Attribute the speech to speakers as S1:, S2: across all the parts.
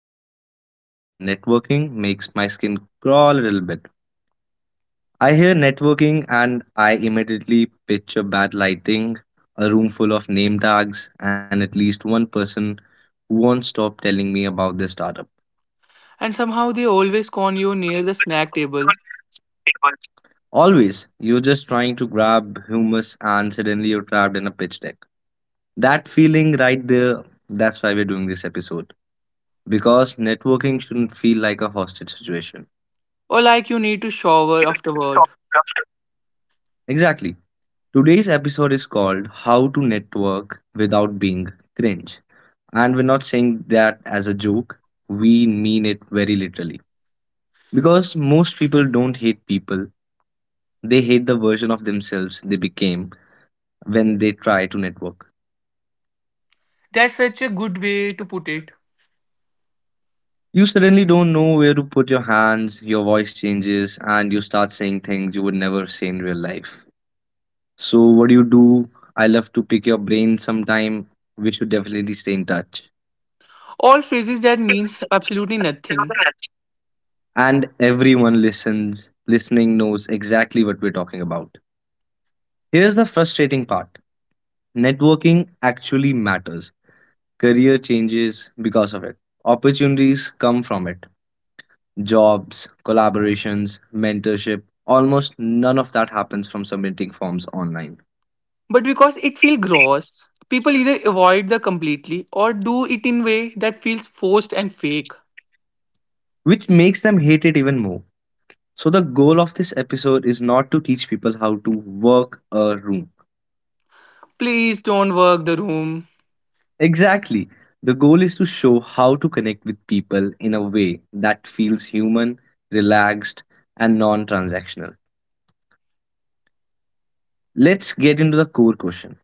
S1: with a confession. The word networking makes my skin crawl a little bit. I hear networking and I immediately picture bad lighting, a room full of name tags, and at least one person who won't stop telling me about their startup.
S2: And somehow they always con you near the snack table
S1: Always, you're just trying to grab hummus and suddenly you're trapped in a pitch deck. That feeling right there, that's why we're doing this episode. Because networking shouldn't feel like a hostage situation.
S2: or like you need to shower afterward.
S1: Exactly. Today's episode is called How to Network Without Being Cringe. And we're not saying that as a joke, we mean it very literally. Because most people don't hate people, they hate the version of themselves they became when they try to network.
S2: That's such a good way to put it.
S1: You suddenly don't know where to put your hands, your voice changes, and you start saying things you would never say in real life. So, what do you do? I love to pick your brain sometime. We should definitely stay in touch.
S2: All phrases that means absolutely nothing.
S1: And everyone listens listening knows exactly what we're talking about. Here's the frustrating part: networking actually matters. Career changes because of it, opportunities come from it, jobs, collaborations, mentorship, almost none of that happens from submitting forms online,
S2: But because it feels gross, people either avoid the completely or do it in way that feels forced and fake.
S1: which makes them hate it even more. So the goal of this episode is not to teach people how to work a room.
S2: Please don't work the room.
S1: Exactly. The goal is to show how to connect with people in a way that feels human, relaxed, and non transactional. Let's get into the core question.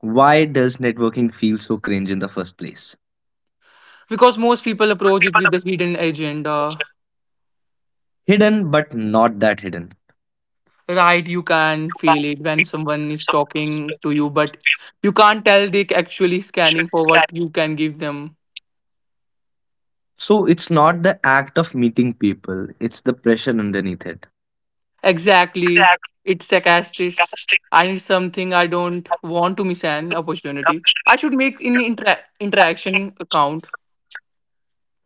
S1: Why does networking feel so cringe in the first place?
S2: Because most people approach it with the hidden agenda.
S1: Hidden, but not that hidden.
S2: Right, you can feel it when someone is talking to you, but you can't tell they actually scanning for what you can give them.
S1: So, it's not the act of meeting people, it's the pressure underneath it.
S2: Exactly. It's sarcastic. I need something I don't want to miss an opportunity. I should make an interaction account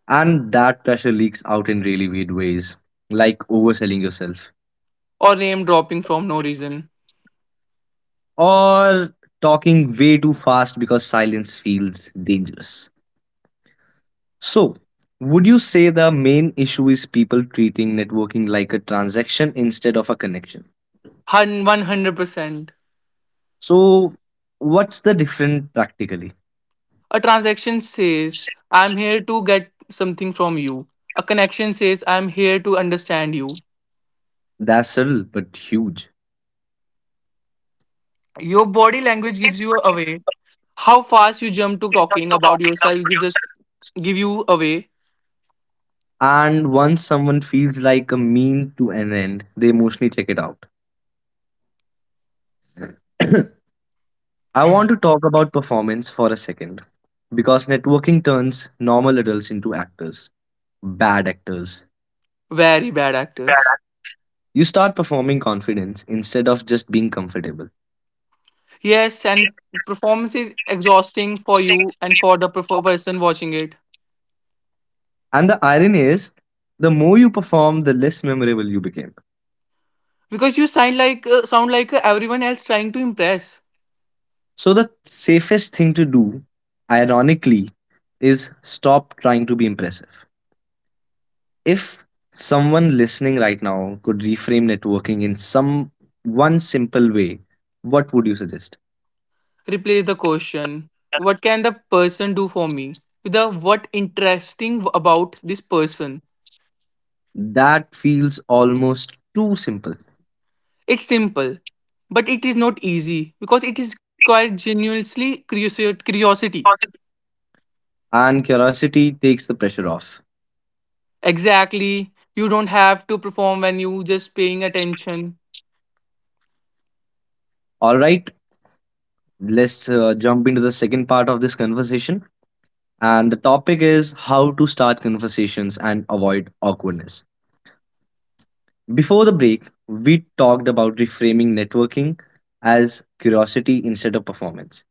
S1: And that pressure leaks out in really weird ways, like overselling yourself
S2: or name dropping from no reason.
S1: or talking way too fast because silence feels dangerous. So, would you say the main issue is people treating networking like a transaction instead of a connection?
S2: 100%.
S1: So, what's the difference practically?
S2: A transaction says, I'm here to get something from you. A connection says, I'm here to understand you.
S1: That's subtle but huge.
S2: Your body language gives you away. How fast you jump to talking about yourself give you away.
S1: And once someone feels like a mean to an end, they emotionally check it out. I want to talk about performance for a second because networking turns normal adults into actors, bad actors.
S2: Very bad actors.
S1: You start performing confidence instead of just being comfortable.
S2: Yes, and performance is exhausting for you and for the person watching it,
S1: And the irony is, the more you perform, the less memorable you became.
S2: because you sound like everyone else trying to impress.
S1: So, the safest thing to do, ironically, is stop trying to be impressive. If someone listening right now could reframe networking in some one simple way, what would you suggest?
S2: Replace the question. What can the person do for me? With the what interesting about this person?
S1: That feels almost too simple,
S2: It's simple, but it is not easy because it is required genuinely curiosity.
S1: and curiosity takes the pressure off.
S2: Exactly. You don't have to perform when you just paying attention.
S1: All right, let's jump into the second part of this conversation and the topic is how to start conversations and avoid awkwardness. Before the break, we talked about reframing networking as curiosity instead of performance,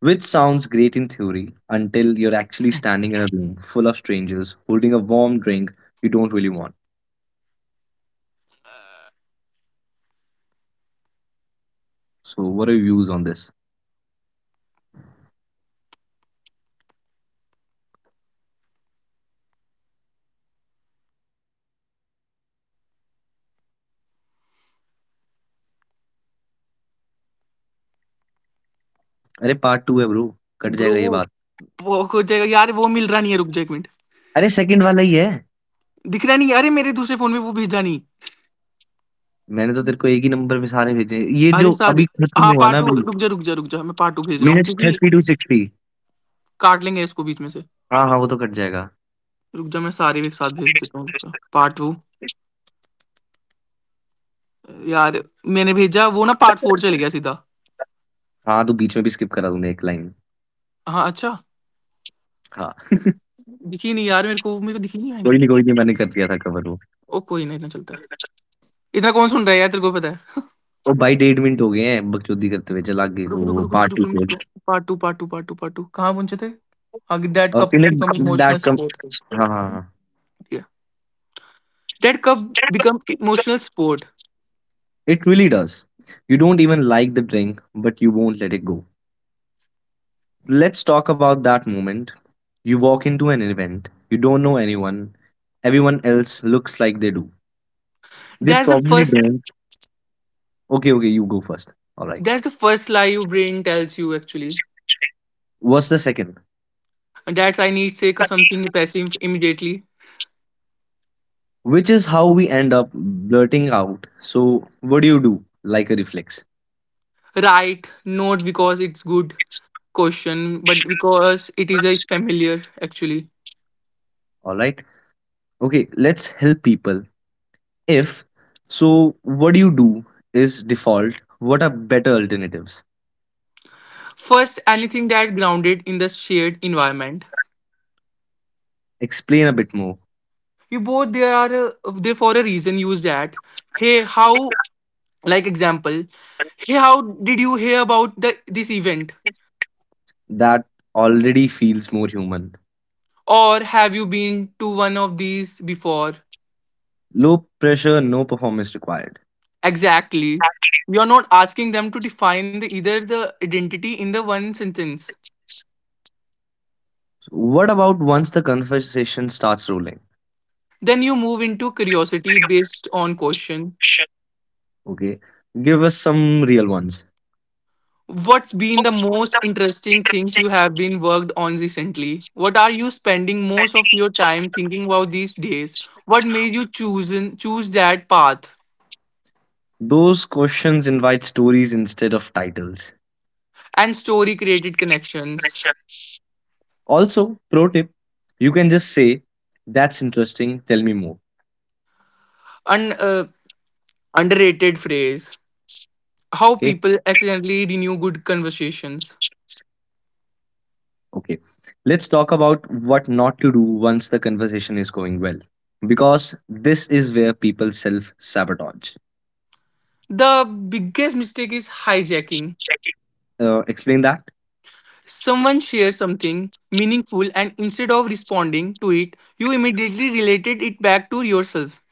S1: which sounds great in theory until you're actually standing in a room full of strangers holding a warm drink you don't really want. So, what are your views on this? अरे part two है bro, cut
S2: bro
S1: जाएगा ये बात.
S2: बहुत हो जाएगा यार वो मिल रहा नहीं है रुक जा एक मिनट
S1: अरे सेकंड वाला ही है.
S2: दिख रहा नहीं है। अरे मेरे दूसरे फोन में वो भेजा नहीं
S1: मैंने तो तेरे को एक ही नंबर पे सारे भेजे हैं। ये जो
S2: अरे
S1: अभी
S2: सारे
S1: खत्म
S2: हाँ
S1: हुआ ना
S2: पार्ट टू
S1: अभी
S2: रुक जा रुक जा रुक जा मैं पार्ट टू भेज रहा हूँ
S1: मिनट्स
S2: क्योंकि
S1: थर्टी टू सिक्सटी.
S2: काट लेंगे इसको बीच में से
S1: हाँ हाँ वो तो कट जाएगा.
S2: रुक जा मैं सारे एक साथ भेज देता हूँ अच्छा पार्ट टू यार मैंने भेजा वो ना पार्ट फोर चल गया सीधा
S1: हाँ, तो बीच में भी स्किप करा तूने एक लाइन।
S2: हाँ अच्छा
S1: हाँ,
S2: दिखी नहीं यार मेरे को दिखी नहीं है जो
S1: कोई नहीं मैंने कर दिया था कवर वो।
S2: ओ कोई ना इतना चलता है इतना कौन सुन रहा है यार तेरे को पता है
S1: ओ भाई डेढ़ मिनट हो गए हैं बकचोदी करते हुए चला के
S2: रुक रुक
S1: हो
S2: रुक रुक रुक
S1: पार्टी क्लोज.
S2: रुक part two part two part two part two कहाँ पहुंचे थे Hug that
S1: और
S2: cup
S1: फिर
S2: become emotional
S1: that come.
S2: sport.
S1: हाँ, हाँ, हाँ।
S2: Yeah. That cup become emotional sport.
S1: It really does. You don't even like the drink, but you won't let it go. Let's talk about that moment. You walk into an event, you don't know anyone, everyone else looks like they do. They
S2: That's the
S1: probably
S2: first
S1: don't. Okay, okay, you go first. All right.
S2: that's the first lie your brain tells you actually.
S1: What's the second?
S2: And that's I need say something impressive immediately.
S1: Which is how we end up blurting out. So, what do you do? Like a reflex.
S2: Right, not because it's good question, but because it is a familiar actually.
S1: All right. Okay, let's help people. If so, what do you do is default. What are better alternatives?
S2: First, anything that grounded in the shared environment.
S1: Explain a bit more.
S2: You both there are there for a reason, use that. Hey, how, like example, hey how did you hear about the this event?
S1: That already feels more human.
S2: Or have you been to one of these before?
S1: Low pressure, no performance required.
S2: Exactly. You're not asking them to define either the identity in the one sentence.
S1: So what about once the conversation starts rolling?
S2: Then you move into curiosity based on question.
S1: Okay, give us some real ones.
S2: What's been the most interesting things you have been worked on recently? What are you spending most of your time thinking about these days? What made you choose that path?
S1: Those questions invite stories instead of titles.
S2: And story created connections.
S1: Also, pro tip, you can just say, that's interesting, tell me more.
S2: Un, uh, Underrated phrase. How
S1: Okay,
S2: people accidentally renew good conversations.
S1: okay. Let's talk about what not to do once the conversation is going well, because this is where people self sabotage.
S2: The biggest mistake is hijacking.
S1: Explain that.
S2: Someone shares something meaningful, and instead of responding to it, you immediately related it back to yourself.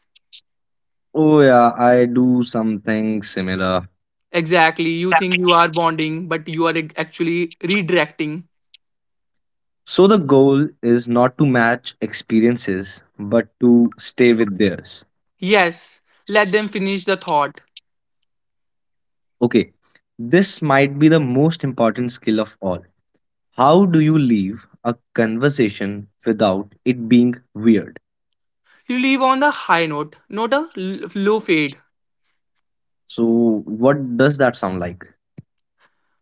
S1: Oh, yeah, I do something similar.
S2: Exactly, you think you are bonding, but you are actually redirecting.
S1: So, the goal is not to match experiences, but to stay with theirs.
S2: Yes, let them finish the thought.
S1: Okay, this might be the most important skill of all. How do you leave a conversation without it being weird?
S2: You leave on the high note, not a low fade.
S1: So, what does that sound like?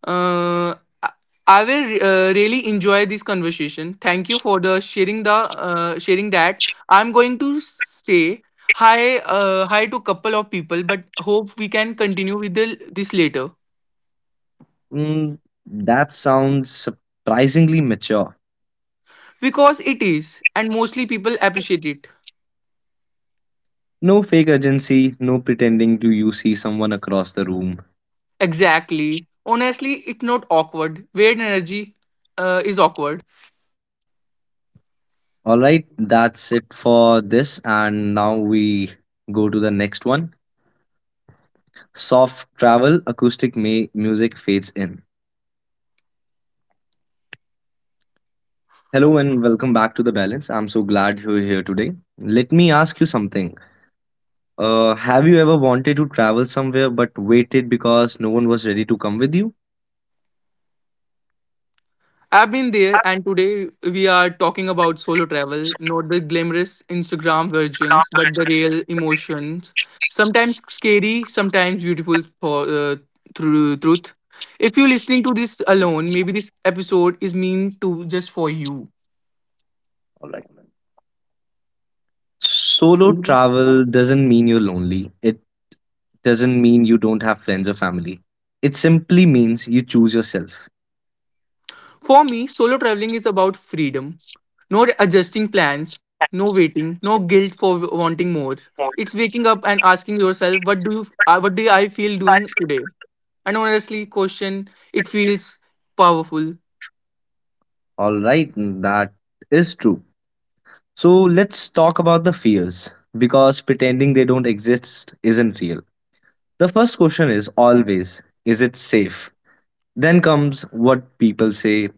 S2: Uh, I I will really enjoy this conversation. Thank you for the sharing that. I'm going to say hi to couple of people, but hope we can continue with this later,
S1: Mm, that sounds surprisingly mature.
S2: because it is, and mostly people appreciate it.
S1: No fake urgency, no pretending to you see someone across the room.
S2: Exactly. Honestly, it's not awkward. Weird energy is awkward.
S1: All right, that's it for this. And now we go to the next one. Soft travel, music fades in. Hello and welcome back to The Balance. I'm so glad you're here today. Let me ask you something. Have you ever wanted to travel somewhere but waited because no one was ready to come with you?
S2: I've been there, and today we are talking about solo travel, not the glamorous Instagram versions, but the real emotions. Sometimes scary, sometimes beautiful through truth. If you're listening to this alone, maybe this episode is meant to just for you.
S1: All right. Solo travel doesn't mean you're lonely. It doesn't mean you don't have friends or family. It simply means you choose yourself.
S2: For me, solo traveling is about freedom. No adjusting plans, no waiting, no guilt for wanting more. It's waking up and asking yourself, what do I feel doing today? And honestly question it feels powerful.
S1: All right, that is true. So let's talk about the fears because pretending they don't exist isn't real. The first question is always, is it safe? Then comes what people say,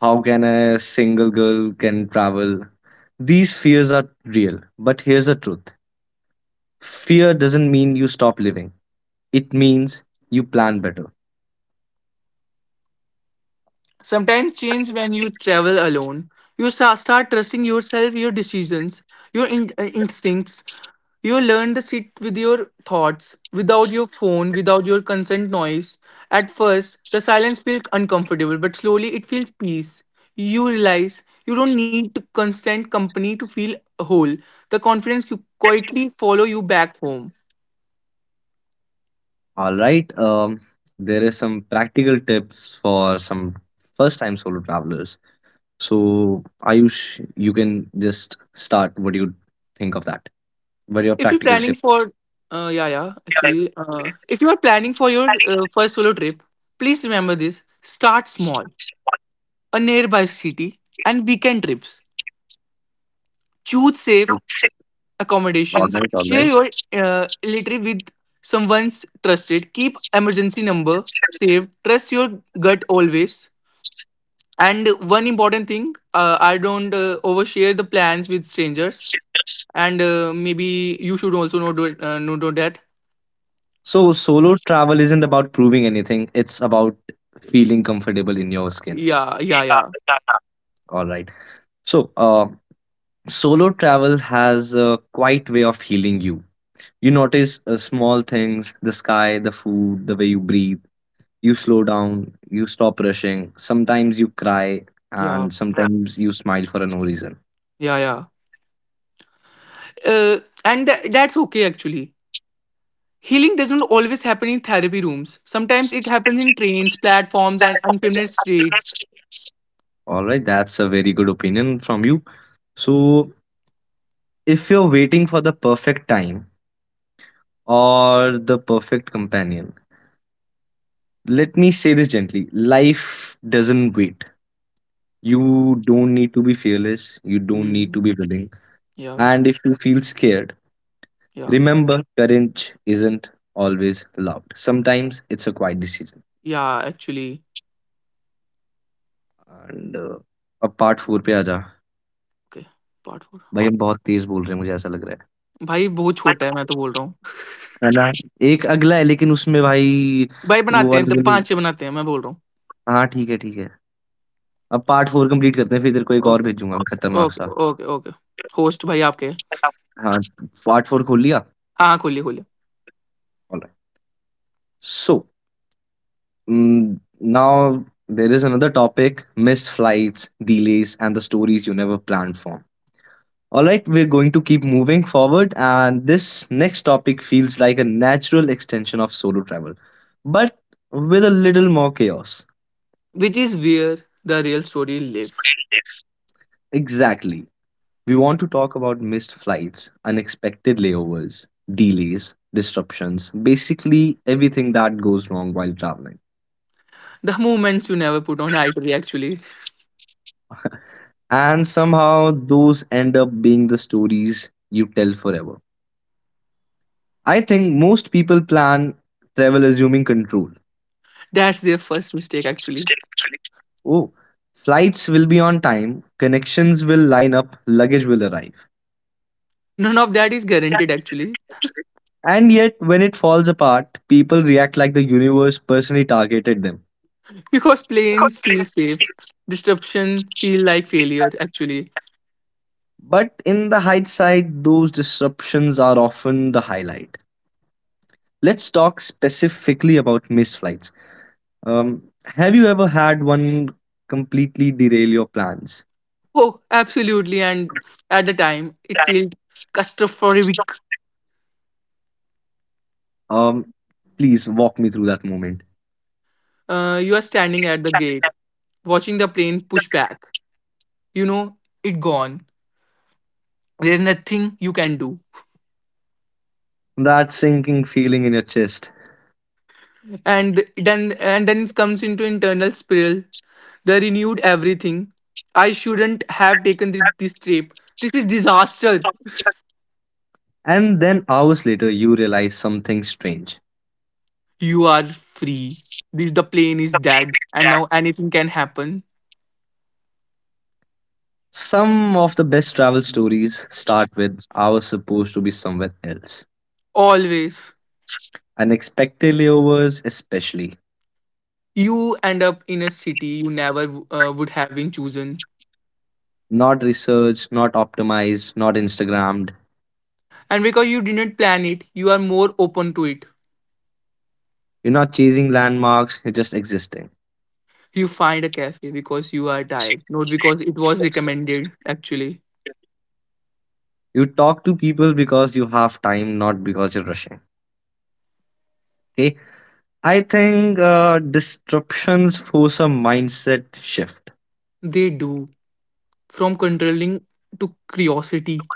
S1: how can a single girl can travel? These fears are real, but here's the truth. Fear doesn't mean you stop living. It means you plan better.
S2: Sometimes change when you travel alone, you start trusting yourself, your decisions, your instincts. You learn to sit with your thoughts without your phone, without your constant noise. At first the silence feels uncomfortable, but slowly it feels peace. You realize you don't need to constant company to feel whole. The confidence you quietly follow you back home.
S1: All right. There is some practical tips for some first-time solo travelers. So Ayush, you can just start. What do you think of that? What are your
S2: If you're
S1: practical
S2: planning
S1: tips?
S2: for, Yeah, yeah, actually, if you are planning for your first solo trip, please remember this: start small, a nearby city, and weekend trips. Choose safe accommodations. Share your itinerary with someone's trusted. Keep emergency number saved. Trust your gut always. And one important thing, I don't overshare the plans with strangers. And Maybe you should also know do it, know do that.
S1: So solo travel isn't about proving anything. It's about feeling comfortable in your skin.
S2: Yeah, yeah, yeah.
S1: All right. So solo travel has a quiet way of healing you. You notice small things, the sky, the food, the way you breathe. You slow down, you stop rushing. Sometimes you cry,
S2: Yeah.
S1: and sometimes you smile for no reason.
S2: Yeah, yeah. Uh, and that's okay actually. Healing doesn't always happen in therapy rooms. Sometimes it happens in trains, platforms, and unfamiliar streets.
S1: All right, that's a very good opinion from you. So, if you're waiting for the perfect time or the perfect companion, let me say this gently, life doesn't wait. You don't need to be fearless, you don't need to
S2: Hmm.
S1: be willing.
S2: Yeah,
S1: And if you feel scared,
S2: yeah,
S1: remember, courage isn't always loud. Sometimes it's a quiet decision.
S2: yeah. Actually,
S1: And अब part four पे आ जा.
S2: okay. Part four.
S1: भाई हम बहुत तेज बोल रहे हैं मुझे ऐसा लग रहा
S2: भाई बहुत छोटा है मैं तो बोल रहा हूँ
S1: है. एक अगला है लेकिन उसमें भाई
S2: भाई
S1: वो
S2: बनाते हैं तो
S1: अलग अलग.
S2: पाँच छः बनाते हैं मैं बोल रहा हूँ
S1: हाँ ठीक है ठीक है. अब पार्ट फोर कंप्लीट करते हैं फिर तेरे को एक और
S2: ओके
S1: भेजूंगा मैं खतरनाक
S2: ओके
S1: सा.
S2: ओके ओके होस्ट भाई आपके हैं।
S1: हाँ, पार्ट फोर खोल लिया.
S2: हाँ खोलिए खोलिए
S1: so, now there is another topic, missed flights, delays and the stories you never planned for. All right, we're going to keep moving forward, and this next topic feels like a natural extension of solo travel, but with a little more chaos.
S2: Which is where the real story live
S1: Exactly. We want to talk about missed flights, unexpected layovers, delays, disruptions, basically everything that goes wrong while traveling.
S2: The moments you never put on itinerary actually
S1: And somehow those end up being the stories you tell forever. I think most people plan travel assuming control.
S2: That's their first mistake
S1: Oh, flights will be on time, connections will line up, luggage will arrive.
S2: None of that is guaranteed actually,
S1: And yet, when it falls apart, people react like the universe personally targeted them.
S2: because planes feel safe. Disruption feel like failure actually.
S1: But in the hindsight, those disruptions are often the highlight. Let's talk specifically about missed flights. Have you ever had one completely derail your plans?
S2: Oh, absolutely. And at the time, it felt claustrophobic.
S1: Um, Please walk me through that moment.
S2: You are standing at the gate, watching the plane push back. You know it gone. There's nothing you can do.
S1: That sinking feeling in your chest.
S2: And then it comes into internal spiral. They renewed everything. I shouldn't have taken this trip. This is disaster.
S1: And then hours later, you realize something strange.
S2: You are free. The plane is dead, and now anything can happen.
S1: Some of the best travel stories start with, I was supposed to be somewhere else.
S2: Always.
S1: Unexpected layovers, especially.
S2: You end up in a city you never would have been chosen.
S1: Not researched, not optimized, not Instagrammed.
S2: And because you didn't plan it, you are more open to it.
S1: You're not chasing landmarks, you're just existing.
S2: You find a cafe because you are tired, not because it was recommended, actually.
S1: You talk to people because you have time, not because you're rushing. Okay? I think disruptions force a mindset shift.
S2: They do. From controlling to curiosity.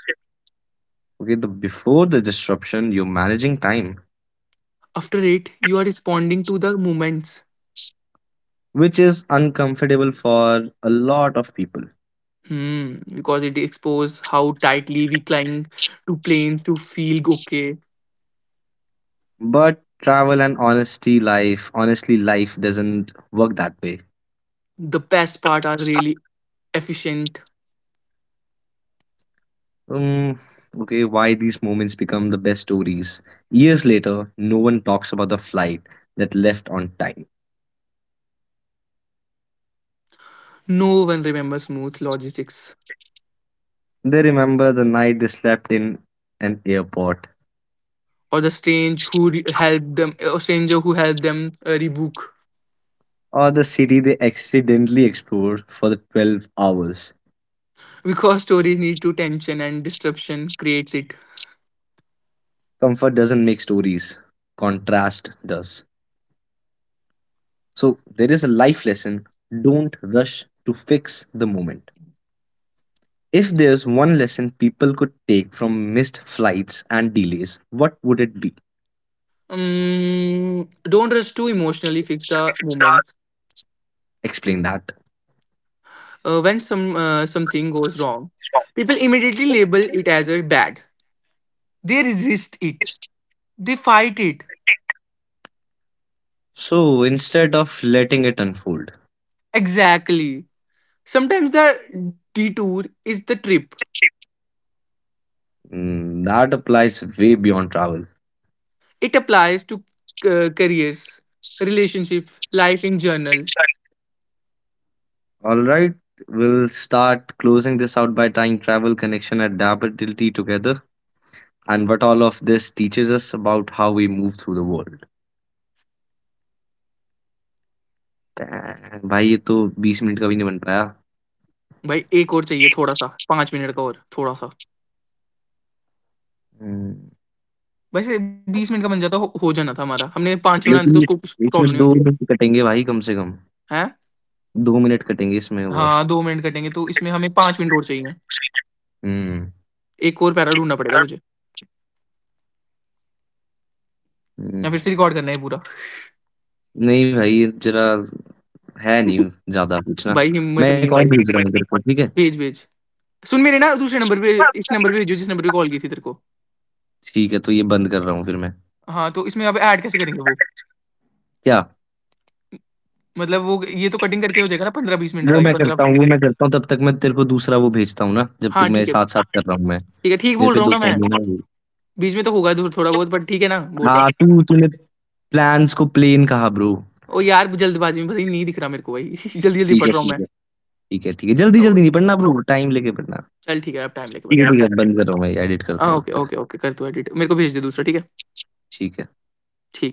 S1: Okay, the before the disruption, you're managing time,
S2: After it, you are responding to the moments.
S1: which is uncomfortable for a lot of people.
S2: Because it exposes how tightly we cling to planes to feel okay.
S1: But travel and honesty life, honestly, life doesn't work that way.
S2: The best part are really efficient.
S1: Um, okay, why these moments become the best stories? Years later, no one talks about the flight that left on time.
S2: No one remembers smooth logistics,
S1: They remember the night they slept in an airport
S2: or the strange who re- helped them or stranger who helped them rebook,
S1: or the city they accidentally explored for the 12 hours.
S2: because stories need to tension and disruption creates it.
S1: Comfort doesn't make stories, contrast does. So, there is a life lesson, don't rush to fix the moment. If there's one lesson people could take from missed flights and delays, what would it be?
S2: Don't rush to emotionally fix the moments.
S1: Explain that.
S2: When something goes wrong, people immediately label it as a bad. They resist it. They fight it.
S1: So instead of letting it unfold,
S2: Exactly. Sometimes the detour is the trip.
S1: mm, that applies way beyond travel.
S2: It applies to careers, relationship, life in general.
S1: Alright, we'll start closing this out by tying travel, connection, and adaptability together and what all of this teaches us about how we move through the world. Damn, भाई ये तो बीस minute का भी नहीं बन पाया.
S2: भाई एक और चाहिए थोड़ा सा पाँच मिनट का और थोड़ा सा
S1: हम्म,
S2: वैसे बीस मिनट का बन जाता हो, हो जाना था हमारा हमने पाँच छः बनाने थे तो
S1: लेकिन
S2: उसको कुछ प्रॉब्लम
S1: इसमें
S2: नहीं होती
S1: दो मिनट कटेंगे भाई कम से कम.
S2: है
S1: दो मिनट कटेंगे इसमें और.
S2: हाँ दो मिनट कटेंगे तो इसमें हमें पाँच मिनट और चाहिए
S1: Hmm.
S2: एक और पैरा ढूंढना पड़ेगा तुझे या फिर से
S1: हुँ,
S2: रिकॉर्ड करना है पूरा
S1: नहीं भाई ये जरा है नहीं ज़्यादा कुछ ना।
S2: भाई
S1: मैं
S2: हिम्मत
S1: एक
S2: नहीं
S1: और
S2: है भाई
S1: भेज रहा हूँ तेरे को, ठीक है?
S2: भेज भेज सुन मेरे ना दूसरे नंबर पे इस नंबर पे भेजो जिस नंबर पे कॉल की थी तेरे को
S1: ठीक है, तो ये बंद कर रहा हूँ फिर मैं।
S2: हाँ तो इसमें अब ऐड कैसे करेंगे वो
S1: क्या?
S2: मतलब वो ये तो कटिंग करके हो जाएगा ना पंद्रह बीस मिनट का
S1: वो
S2: ये
S1: मैं
S2: पंद्रह
S1: करता हूँ, वो मैं करता हूँ तब तक. मैं तेरे को दूसरा वो भेजता हूँ ना, जब तक
S2: हाँ
S1: मैं
S2: ठीक है
S1: साथ-साथ कर रहा हूँ मैं।
S2: ठीक है, ठीक
S1: मेरे
S2: बोल
S1: पे
S2: रहा हूँ
S1: 2
S2: ना मैं,
S1: फ़ोन है
S2: बीच में तो होगा दूर थोड़ा बहुत बट ठीक है ना, बोल
S1: ना।
S2: रहा।
S1: हाँ, तू तूने प्लान्स को प्लेन कहा ब्रो।
S2: ओह यार! जल्दबाज़ी में पता ही नहीं दिख रहा मेरे को भाई जल्दी-जल्दी
S1: ठीक
S2: पढ़
S1: है,
S2: रहा हूँ मैं।
S1: ठीक है। ठीक है, ठीक है।
S2: ओ,
S1: जल्दी-जल्दी नहीं पढ़ना ब्रो, टाइम लेके पढ़ना।
S2: चल ठीक है अब टाइम लेके
S1: ठीक
S2: पढ़ता
S1: है,
S2: हूँ।
S1: ठीक है। बंद कर रहा हूँ मैं, एडिट करता
S2: हाँ,
S1: हूँ
S2: ओके,
S1: तब तक।
S2: ओके, ओके कर तू एडिट मेरे को भेज दे दूसरा ठीक है?
S1: ठीक है।
S2: ठीक है।